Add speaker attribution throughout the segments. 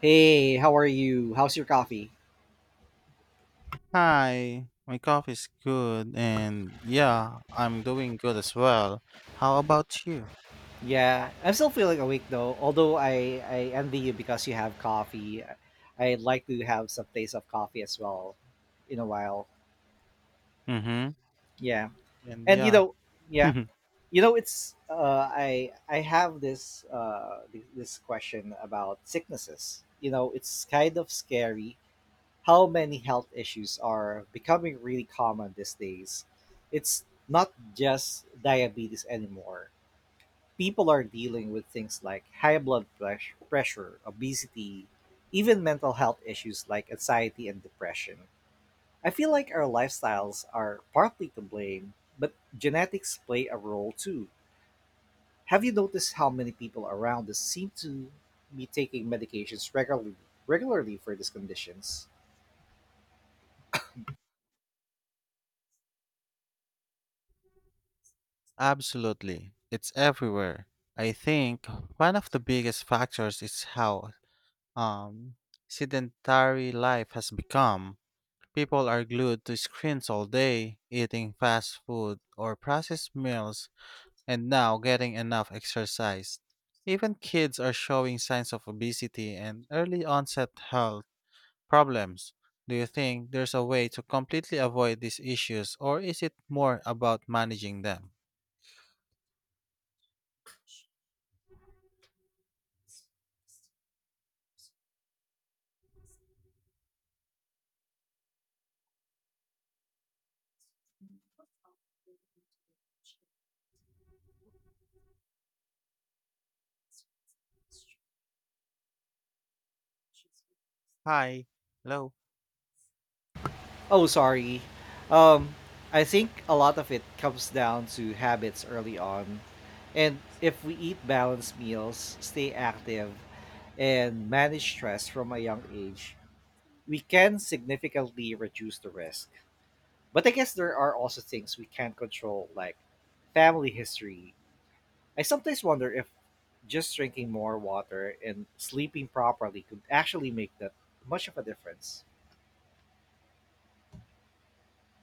Speaker 1: Hey, how are you? How's your coffee?
Speaker 2: Hi, my coffee's good, and yeah, I'm doing good as well. How about you?
Speaker 1: Yeah, I'm still feeling awake though. Although I envy you because you have coffee. I'd like to have some taste of coffee as well in a while.
Speaker 2: Mm-hmm.
Speaker 1: Yeah,
Speaker 2: And
Speaker 1: and you
Speaker 2: yeah,
Speaker 1: know, yeah, you know, it's I have this this question about sicknesses. You know, it's kind of scary how many health issues are becoming really common these days. It's not just diabetes anymore, people are dealing with things like high pressure, obesity, even mental health issues like anxiety and depression. I feel like our lifestyles are partly to blame, but genetics play a role too. Have you noticed how many people around us seem to be taking medications regularly for these conditions?
Speaker 2: absolutely. It's everywhere. I think one of the biggest factors is how um sedentary life has become. People are glued to screens all day, eating fast food or processed meals and now getting enough exercise. Even kids are showing signs of obesity and early onset health problems. Do you think there's a way to completely avoid these issues, or is it more about managing them? Hi. Hello.
Speaker 1: Oh, sorry. Um, I think a lot of it comes down to habits early on. And if we eat balanced meals, stay active, and manage stress from a young age, we can significantly reduce the risk. But I guess there are also things we can't control, like family history. I sometimes wonder if just drinking more water and sleeping properly could actually make that much of a difference.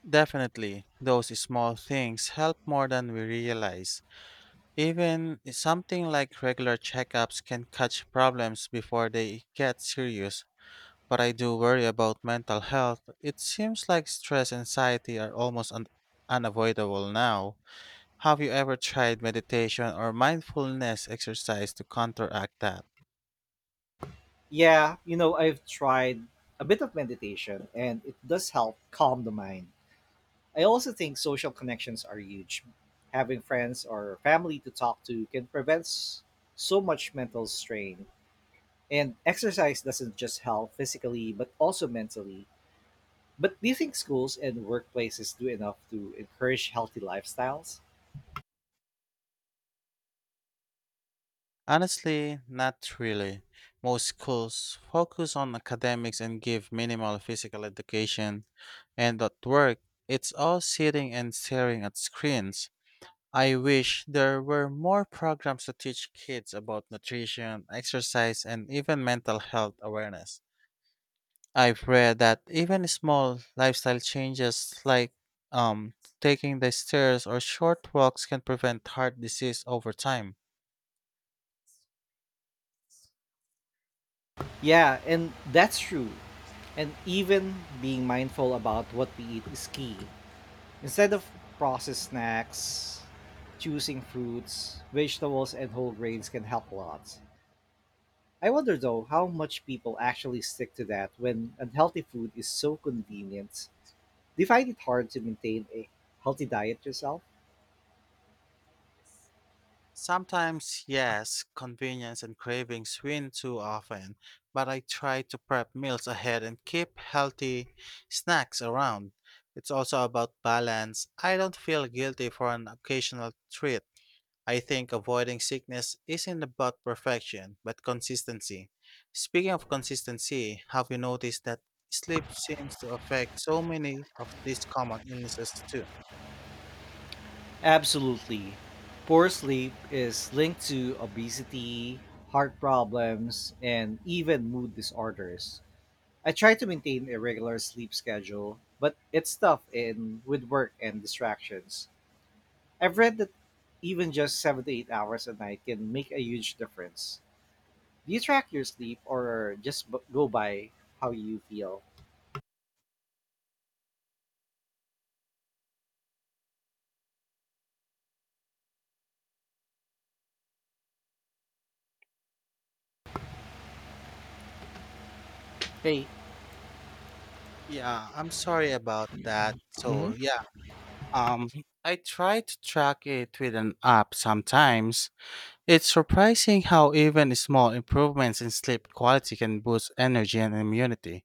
Speaker 2: Definitely, those small things help more than we realize. Even something like regular checkups can catch problems before they get serious. But I do worry about mental health. It seems like stress and anxiety are almost unavoidable now. Have you ever tried meditation or mindfulness exercise to counteract that?
Speaker 1: Yeah, you know, I've tried a bit of meditation and it does help calm the mind. I also think social connections are huge. Having friends or family to talk to can prevent so much mental strain. And exercise doesn't just help physically, but also mentally. But do you think schools and workplaces do enough to encourage healthy lifestyles?
Speaker 2: Honestly, not really. Most schools focus on academics and give minimal physical education, and at work, it's all sitting and staring at screens. I wish there were more programs to teach kids about nutrition, exercise, and even mental health awareness. I've read that even small lifestyle changes like um, taking the stairs or short walks can prevent heart disease over time.
Speaker 1: Yeah, and that's true. And even being mindful about what we eat is key. Instead of processed snacks, choosing fruits, vegetables, and whole grains can help a lot. I wonder though how much people actually stick to that when unhealthy food is so convenient. Do you find it hard to maintain a healthy diet yourself?
Speaker 2: Sometimes, yes, convenience and cravings win too often, but I try to prep meals ahead and keep healthy snacks around. It's also about balance. I don't feel guilty for an occasional treat. I think avoiding sickness isn't about perfection, but consistency. Speaking of consistency, have you noticed that sleep seems to affect so many of these common illnesses too?
Speaker 1: Absolutely. Poor sleep is linked to obesity, heart problems, and even mood disorders. I try to maintain a regular sleep schedule, but it's tough in with work and distractions. I've read that even just 7 to 8 hours a night can make a huge difference. Do you track your sleep or just go by how you feel? Hey,
Speaker 2: Yeah, I'm sorry about that.
Speaker 1: mhm.
Speaker 2: So, yeah. Um, I try to track it with an app sometimes. It's surprising how even small improvements in sleep quality can boost energy and immunity.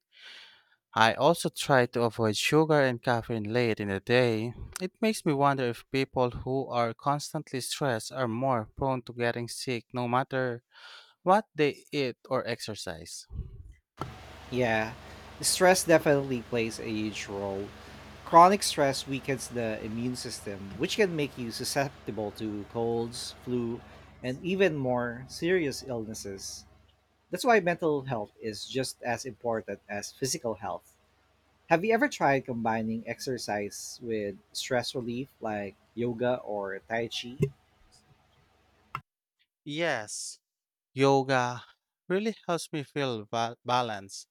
Speaker 2: I also try to avoid sugar and caffeine late in the day. It makes me wonder if people who are constantly stressed are more prone to getting sick no matter what they eat or exercise.
Speaker 1: Yeah, stress definitely plays a huge role. Chronic stress weakens the immune system, which can make you susceptible to colds, flu, and even more serious illnesses. That's why mental health is just as important as physical health. Have you ever tried combining exercise with stress relief like yoga or tai chi?
Speaker 2: Yes, yoga really helps me feel balanced.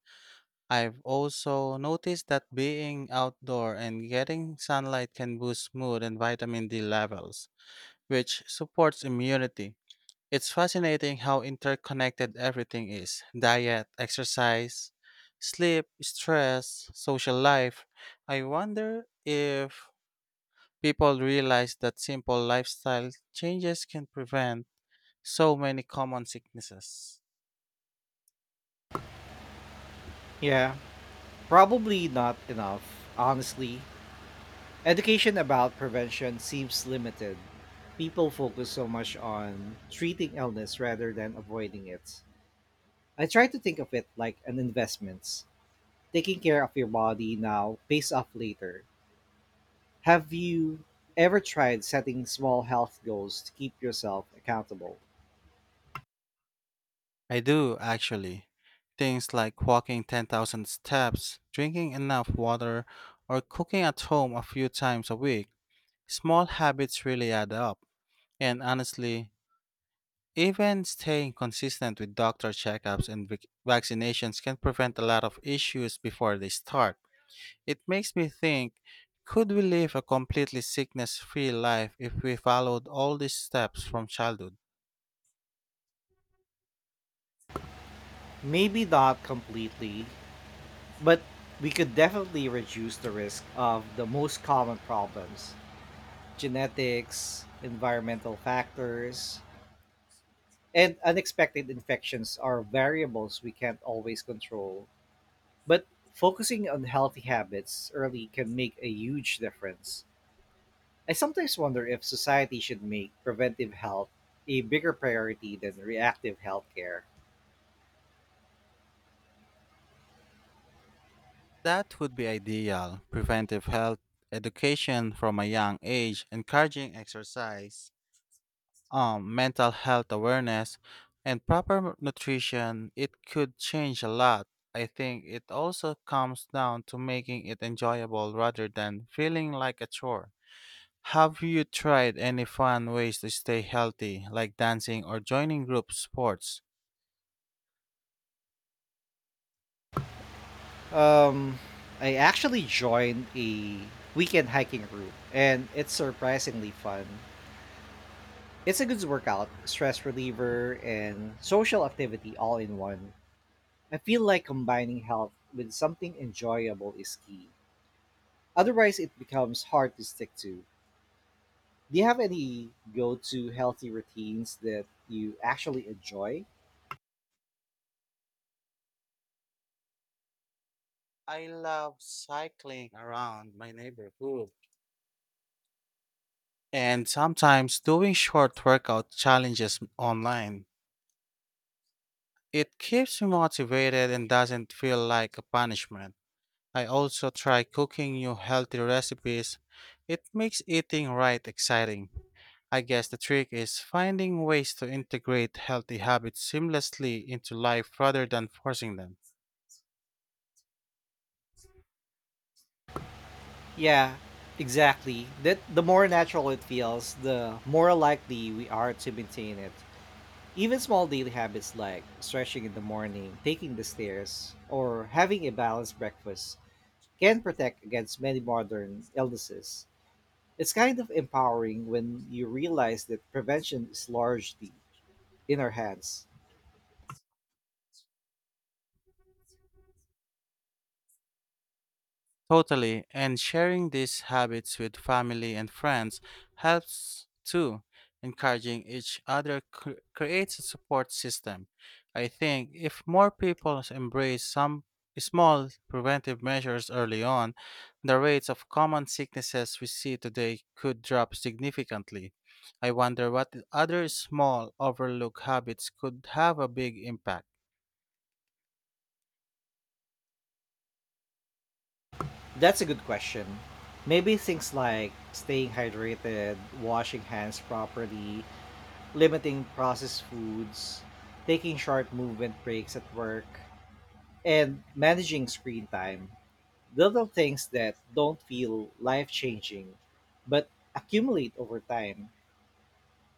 Speaker 2: I've also noticed that being outdoor and getting sunlight can boost mood and vitamin D levels, which supports immunity. It's fascinating how interconnected everything is: diet, exercise, sleep, stress, social life. I wonder if people realize that simple lifestyle changes can prevent so many common sicknesses.
Speaker 1: Yeah, probably not enough, honestly. Education about prevention seems limited. People focus so much on treating illness rather than avoiding it. I try to think of it like an investment. Taking care of your body now pays off later. Have you ever tried setting small health goals to keep yourself accountable?
Speaker 2: I do, actually. Things like walking 10,000 steps, drinking enough water, or cooking at home a few times a week. Small habits really add up. And honestly, even staying consistent with doctor checkups and vaccinations can prevent a lot of issues before they start. It makes me think, could we live a completely sickness free life if we followed all these steps from childhood?
Speaker 1: Maybe not completely, but we could definitely reduce the risk of the most common problems, genetics, environmental factors, and unexpected infections are variables we can't always control. But focusing on healthy habits early can make a huge difference. I sometimes wonder if society should make preventive health a bigger priority than reactive healthcare.
Speaker 2: That would be ideal. Preventive health education from a young age, encouraging exercise, mental health awareness, and proper nutrition, it could change a lot. I think it also comes down to making it enjoyable rather than feeling like a chore. Have you tried any fun ways to stay healthy, like dancing or joining group sports?
Speaker 1: Um, I actually joined a weekend hiking group, and it's surprisingly fun. It's a good workout, stress reliever, and social activity all in one. I feel like combining health with something enjoyable is key. Otherwise, it becomes hard to stick to. Do you have any go to healthy routines that you actually enjoy?
Speaker 2: I love cycling around my neighborhood and sometimes doing short workout challenges online. It keeps me motivated and doesn't feel like a punishment. I also try cooking new healthy recipes. It makes eating right exciting. I guess the trick is finding ways to integrate healthy habits seamlessly into life rather than forcing them.
Speaker 1: Yeah, exactly. That the more natural it feels, the more likely we are to maintain it. Even small daily habits like stretching in the morning, taking the stairs, or having a balanced breakfast can protect against many modern illnesses. It's kind of empowering when you realize that prevention is largely in our hands.
Speaker 2: Totally, and sharing these habits with family and friends helps too. Encouraging each other creates a support system. I think if more people embrace some small preventive measures early on, the rates of common sicknesses we see today could drop significantly. I wonder what other small overlooked habits could have a big impact.
Speaker 1: That's a good question. Maybe things like staying hydrated, washing hands properly, limiting processed foods, taking short movement breaks at work, and managing screen time. Little things that don't feel life changing but accumulate over time.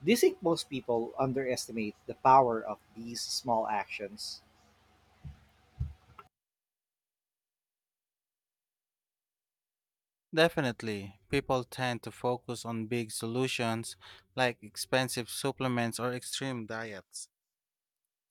Speaker 1: Do you think most people underestimate the power of these small actions?
Speaker 2: Definitely, people tend to focus on big solutions like expensive supplements or extreme diets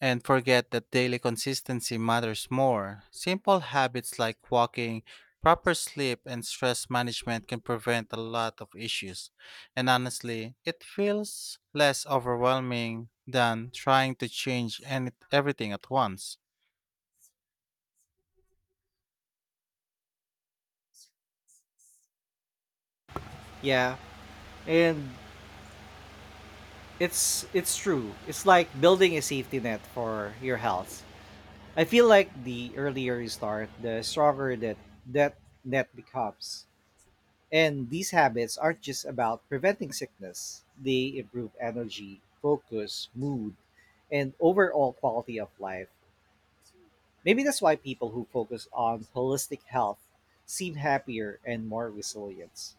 Speaker 2: and forget that daily consistency matters more. Simple habits like walking, proper sleep, and stress management can prevent a lot of issues. And honestly, it feels less overwhelming than trying to change everything at once.
Speaker 1: Yeah, and it's true. It's like building a safety net for your health. I feel like the earlier you start, the stronger that net becomes. And these habits aren't just about preventing sickness. They improve energy, focus, mood, and overall quality of life. Maybe that's why people who focus on holistic health seem happier and more resilient.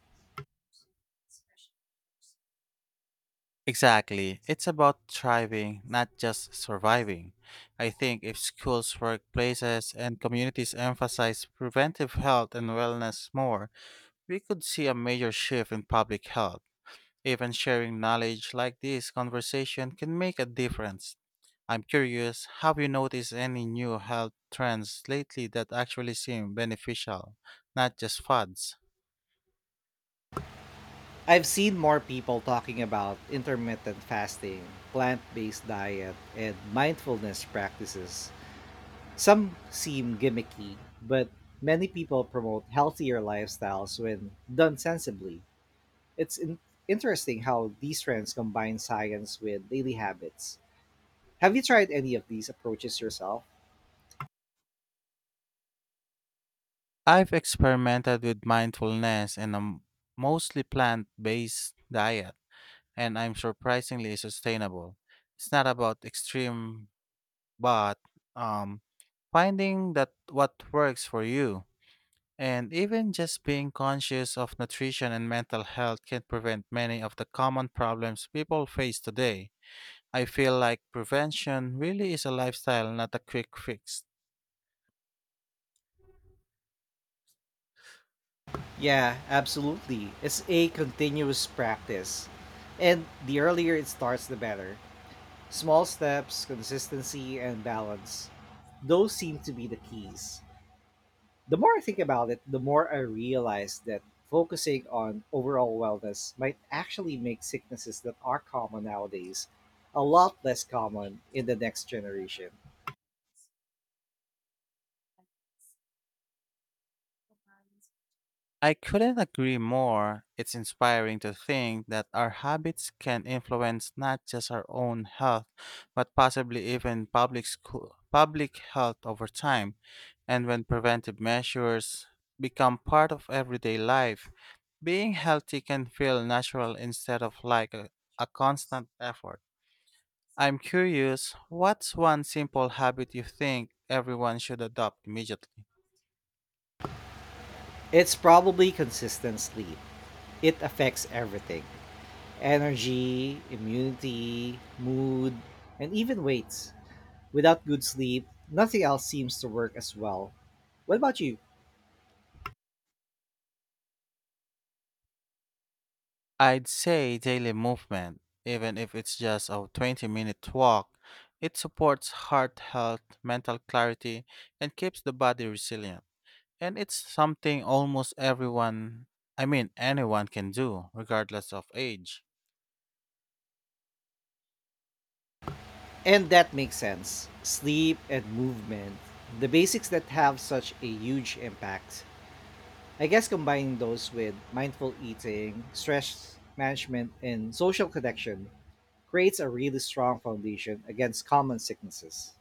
Speaker 2: Exactly. It's about thriving, not just surviving. I think if schools, workplaces, and communities emphasize preventive health and wellness more, we could see a major shift in public health. Even sharing knowledge like this conversation can make a difference. I'm curious, have you noticed any new health trends lately that actually seem beneficial, not just fads?
Speaker 1: I've seen more people talking about intermittent fasting, plant based diet, and mindfulness practices. Some seem gimmicky, but many people promote healthier lifestyles when done sensibly. It's interesting how these trends combine science with daily habits. Have you tried any of these approaches yourself?
Speaker 2: I've experimented with mindfulness and mostly plant based diet, and I'm surprisingly sustainable. It's not about extreme, but um, finding that what works for you. And even just being conscious of nutrition and mental health can prevent many of the common problems people face today. I feel like prevention really is a lifestyle, not a quick fix.
Speaker 1: Yeah, absolutely. It's a continuous practice. And the earlier it starts, the better. Small steps, consistency, and balance. Those seem to be the keys. The more I think about it, the more I realize that focusing on overall wellness might actually make sicknesses that are common nowadays a lot less common in the next generation.
Speaker 2: I couldn't agree more. It's inspiring to think that our habits can influence not just our own health, but possibly even public school, public health over time. And when preventive measures become part of everyday life, being healthy can feel natural instead of like a constant effort. I'm curious, what's one simple habit you think everyone should adopt immediately?
Speaker 1: It's probably consistent sleep, it affects everything. Energy, immunity, mood, and even weight. Without good sleep, nothing else seems to work as well. What about you?
Speaker 2: I'd say daily movement, even if it's just a 20-minute walk. It supports heart health, mental clarity, and keeps the body resilient. And it's something almost everyone, I mean, anyone can do, regardless of age.
Speaker 1: And that makes sense. Sleep and movement, the basics that have such a huge impact. I guess combining those with mindful eating, stress management, and social connection creates a really strong foundation against common sicknesses.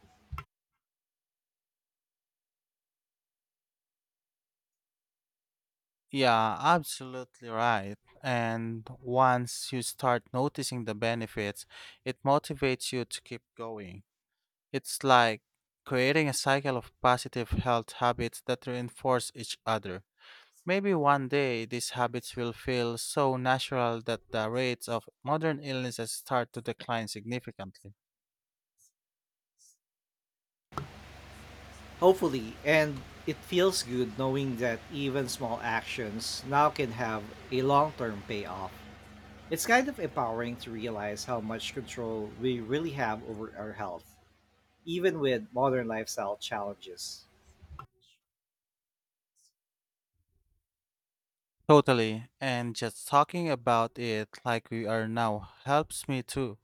Speaker 2: Yeah, absolutely right. And once you start noticing the benefits, it motivates you to keep going. It's like creating a cycle of positive health habits that reinforce each other. Maybe one day these habits will feel so natural that the rates of modern illnesses start to decline significantly.
Speaker 1: Hopefully, and it feels good knowing that even small actions now can have a long term payoff. It's kind of empowering to realize how much control we really have over our health, even with modern lifestyle challenges.
Speaker 2: Totally, and just talking about it like we are now helps me too.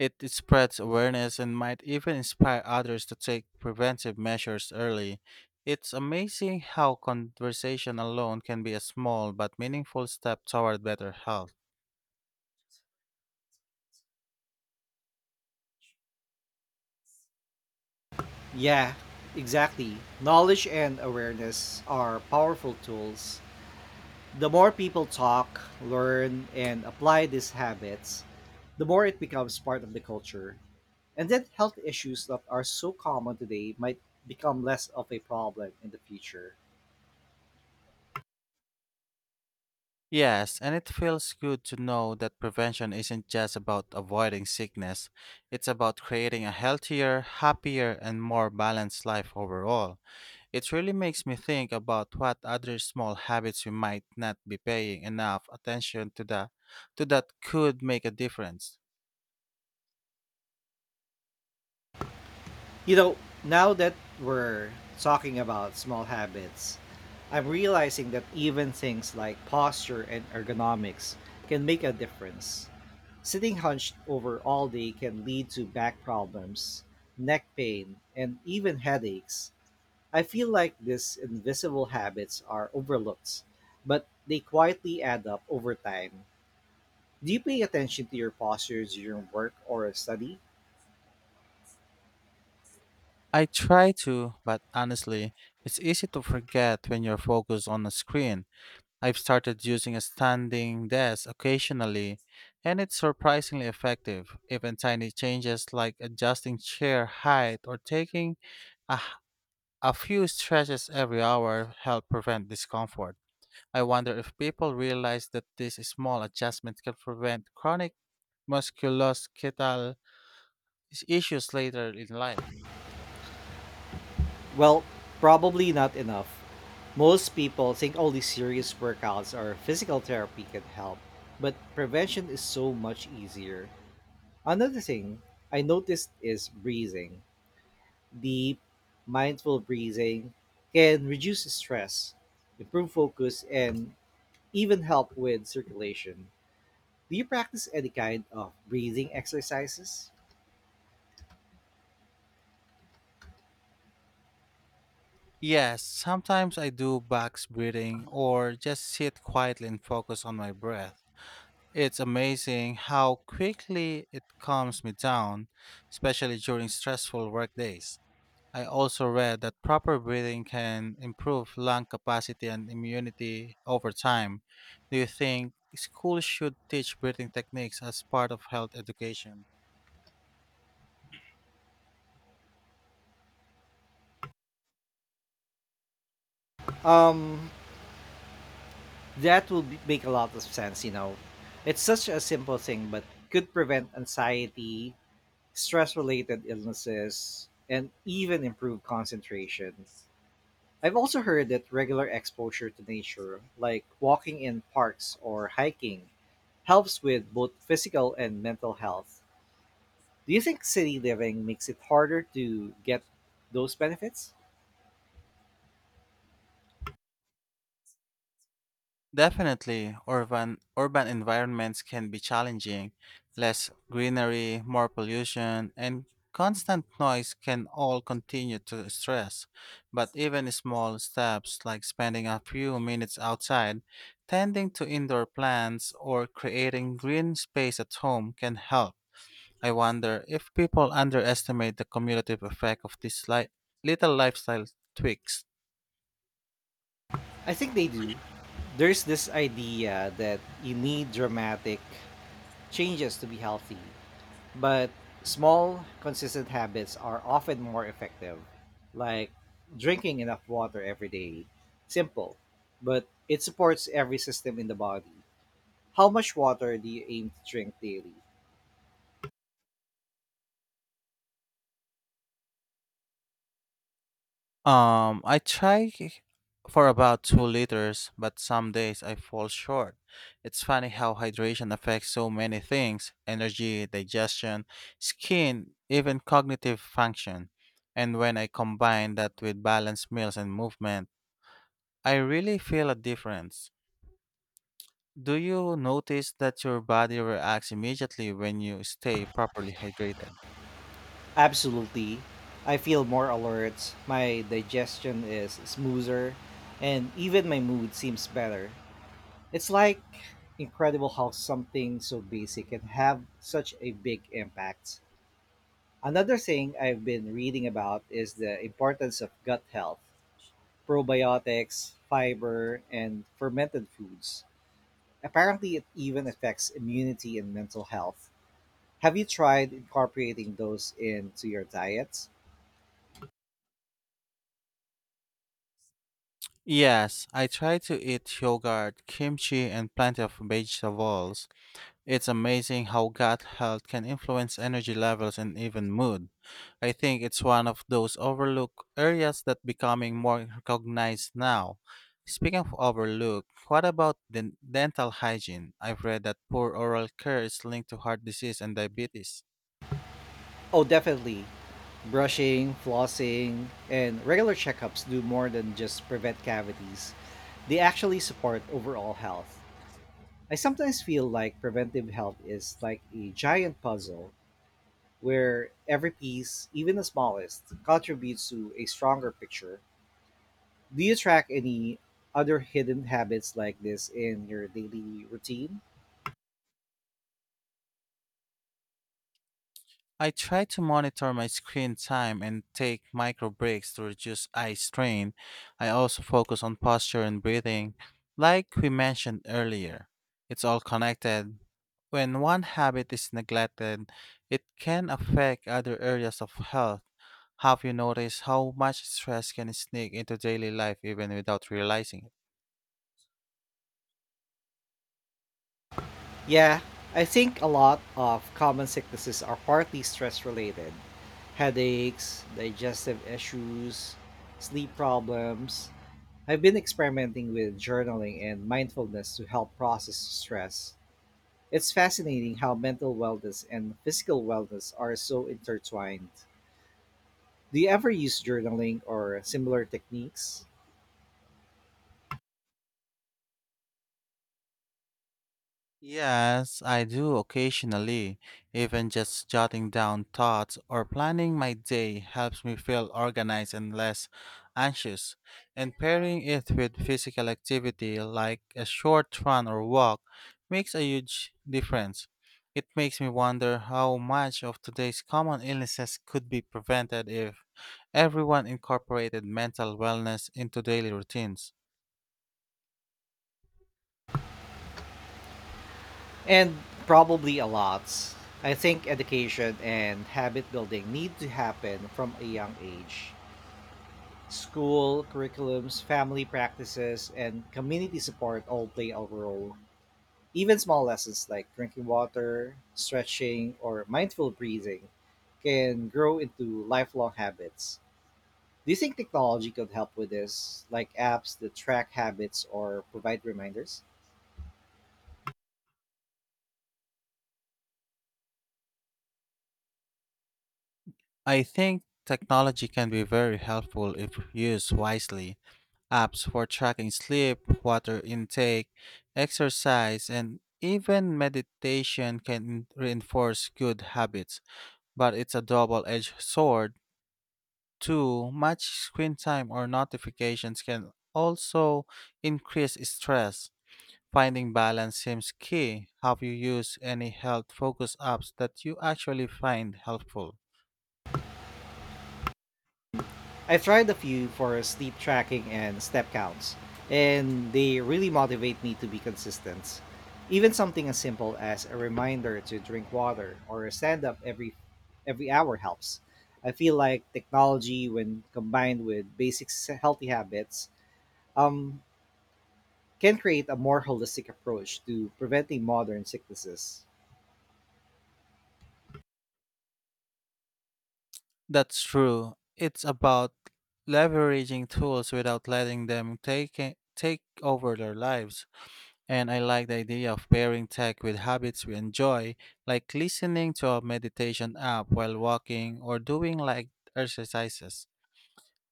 Speaker 2: It spreads awareness and might even inspire others to take preventive measures early. It's amazing how conversation alone can be a small but meaningful step toward better health.
Speaker 1: Yeah, exactly. Knowledge and awareness are powerful tools. The more people talk, learn, and apply these habits, the more it becomes part of the culture. And then health issues that are so common today might become less of a problem in the future.
Speaker 2: Yes, and it feels good to know that prevention isn't just about avoiding sickness. It's about creating a healthier, happier, and more balanced life overall. It really makes me think about what other small habits we might not be paying enough attention to that could make a difference.
Speaker 1: You know, now that we're talking about small habits, I'm realizing that even things like posture and ergonomics can make a difference. Sitting hunched over all day can lead to back problems, neck pain, and even headaches. I feel like these invisible habits are overlooked, but they quietly add up over time. Do you pay attention to your posture during work or study?
Speaker 2: I try to, but honestly, it's easy to forget when you're focused on a screen. I've started using a standing desk occasionally, and it's surprisingly effective. Even tiny changes like adjusting chair height or taking a, h- a few stretches every hour help prevent discomfort. I wonder if people realize that these small adjustments can prevent chronic musculoskeletal issues later in life.
Speaker 1: Well, probably not enough. Most people think only serious workouts or physical therapy can help, but prevention is so much easier. Another thing I noticed is breathing. Deep, mindful breathing can reduce stress, improve focus, and even help with circulation. Do you practice any kind of breathing exercises?
Speaker 2: Yes, sometimes I do box breathing or just sit quietly and focus on my breath. It's amazing how quickly it calms me down, especially during stressful work days. I also read that proper breathing can improve lung capacity and immunity over time. Do you think schools should teach breathing techniques as part of health education?
Speaker 1: Um, that will make a lot of sense, you know. It's such a simple thing, but could prevent anxiety, stress related illnesses, and even improve concentration. I've also heard that regular exposure to nature, like walking in parks or hiking, helps with both physical and mental health. Do you think city living makes it harder to get those benefits?
Speaker 2: Definitely, urban environments can be challenging. Less greenery, more pollution, and constant noise can all continue to stress. But even small steps like spending a few minutes outside, tending to indoor plants, or creating green space at home can help. I wonder if people underestimate the cumulative effect of these little lifestyle tweaks.
Speaker 1: I think they do. There's this idea that you need dramatic changes to be healthy, but small, consistent habits are often more effective, like drinking enough water every day. Simple, but it supports every system in the body. How much water do you aim to drink daily?
Speaker 2: I try for about 2 liters, but some days I fall short. It's funny how hydration affects so many things: energy, digestion, skin, even cognitive function. And when I combine that with balanced meals and movement, I really feel a difference. Do you notice that your body reacts immediately when you stay properly hydrated?
Speaker 1: Absolutely. I feel more alert, my digestion is smoother, and even my mood seems better. It's like incredible how something so basic can have such a big impact. Another thing I've been reading about is the importance of gut health, probiotics, fiber, and fermented foods. Apparently, it even affects immunity and mental health. Have you tried incorporating those into your diet?
Speaker 2: Yes, I try to eat yogurt, kimchi, and plenty of vegetables. It's amazing how gut health can influence energy levels and even mood. I think it's one of those overlooked areas that becoming more recognized now. Speaking of overlook, what about dental hygiene? I've read that poor oral care is linked to heart disease and diabetes.
Speaker 1: Oh, definitely. Brushing, flossing, and regular checkups do more than just prevent cavities. They actually support overall health. I sometimes feel like preventive health is like a giant puzzle where every piece, even the smallest, contributes to a stronger picture. Do you track any other hidden habits like this in your daily routine?
Speaker 2: I try to monitor my screen time and take micro breaks to reduce eye strain. I also focus on posture and breathing, like we mentioned earlier. It's all connected. When one habit is neglected, it can affect other areas of health. Have you noticed how much stress can sneak into daily life even without realizing it?
Speaker 1: Yeah, I think a lot of common sicknesses are partly stress related, headaches, digestive issues, sleep problems. I've been experimenting with journaling and mindfulness to help process stress. It's fascinating how mental wellness and physical wellness are so intertwined. Do you ever use journaling or similar techniques?
Speaker 2: Yes, I do occasionally. Even just jotting down thoughts or planning my day helps me feel organized and less anxious. And pairing it with physical activity like a short run or walk makes a huge difference. It makes me wonder how much of today's common illnesses could be prevented if everyone incorporated mental wellness into daily routines.
Speaker 1: And probably a lot. I think education and habit building need to happen from a young age. School, curriculums, family practices, and community support all play a role. Even small lessons like drinking water, stretching, or mindful breathing can grow into lifelong habits. Do you think technology could help with this, like apps that track habits or provide reminders?
Speaker 2: I think technology can be very helpful if used wisely. Apps for tracking sleep, water intake, exercise, and even meditation can reinforce good habits, but it's a double edged sword. Too much screen time or notifications can also increase stress. Finding balance seems key. Have you used any health focused apps that you actually find helpful?
Speaker 1: I've tried a few for sleep tracking and step counts, and they really motivate me to be consistent. Even something as simple as a reminder to drink water or stand up every hour helps. I feel like technology, when combined with healthy habits, um, can create a more holistic approach to preventing modern sicknesses.
Speaker 2: That's true. It's about leveraging tools without letting them take over their lives. And I like the idea of pairing tech with habits we enjoy, like listening to a meditation app while walking or doing light exercises.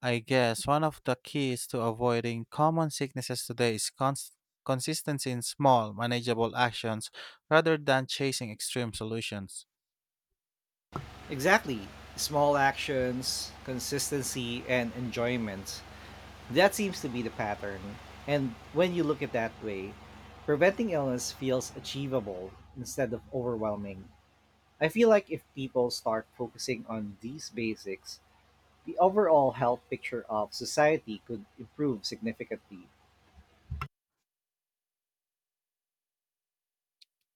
Speaker 2: I guess one of the keys to avoiding common sicknesses today is consistency in small, manageable actions rather than chasing extreme solutions.
Speaker 1: Exactly. Small actions, consistency, and enjoyment. That seems to be the pattern. And when you look at that way, preventing illness feels achievable instead of overwhelming. I feel like if people start focusing on these basics, the overall health picture of society could improve significantly.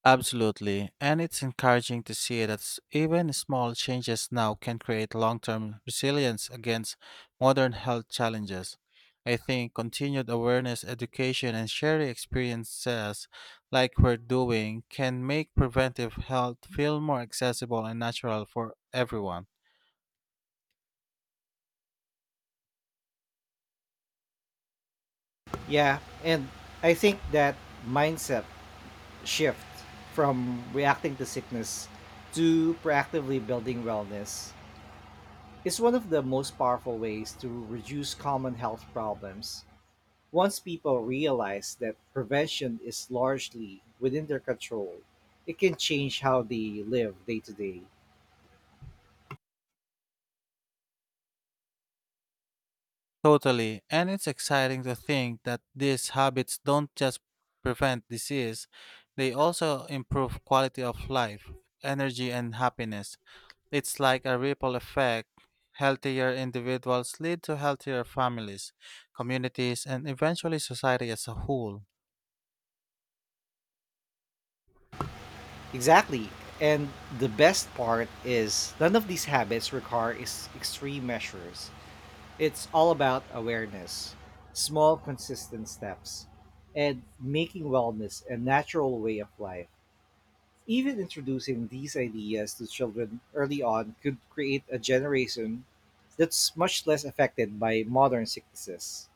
Speaker 2: Absolutely, and it's encouraging to see that even small changes now can create long term resilience against modern health challenges. I think continued awareness, education, and sharing experiences like we're doing can make preventive health feel more accessible and natural for everyone.
Speaker 1: Yeah, and I think that mindset shift from reacting to sickness to proactively building wellness is one of the most powerful ways to reduce common health problems. Once people realize that prevention is largely within their control, it can change how they live day to day.
Speaker 2: Totally, and it's exciting to think that these habits don't just prevent disease, they also improve quality of life, energy, and happiness. It's like a ripple effect. Healthier individuals lead to healthier families, communities, and eventually society as a whole.
Speaker 1: Exactly, and the best part is none of these habits require is extreme measures. It's all about awareness, small consistent steps, and making wellness a natural way of life. Even introducing these ideas to children early on could create a generation that's much less affected by modern sicknesses.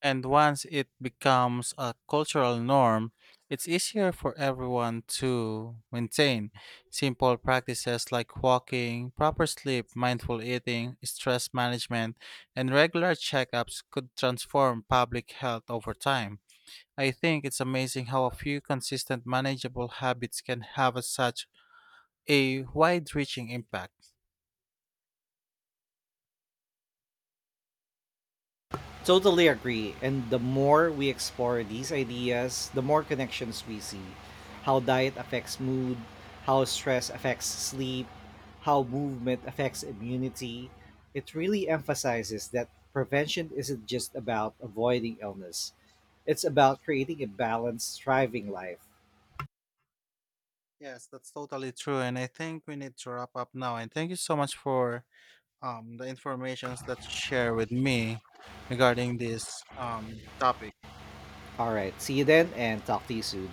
Speaker 2: And once it becomes a cultural norm, it's easier for everyone to maintain simple practices like walking, proper sleep, mindful eating, stress management, and regular checkups could transform public health over time. I think it's amazing how a few consistent, manageable habits can have a such a wide reaching impact.
Speaker 1: Totally agree. And the more we explore these ideas, the more connections we see. How diet affects mood, how stress affects sleep, how movement affects immunity. It really emphasizes that prevention isn't just about avoiding illness, it's about creating a balanced, thriving life.
Speaker 2: Yes, that's totally true. And I think we need to wrap up now. And thank you so much for the informations that you share with me regarding this topic.
Speaker 1: All right. See you then and talk to you soon.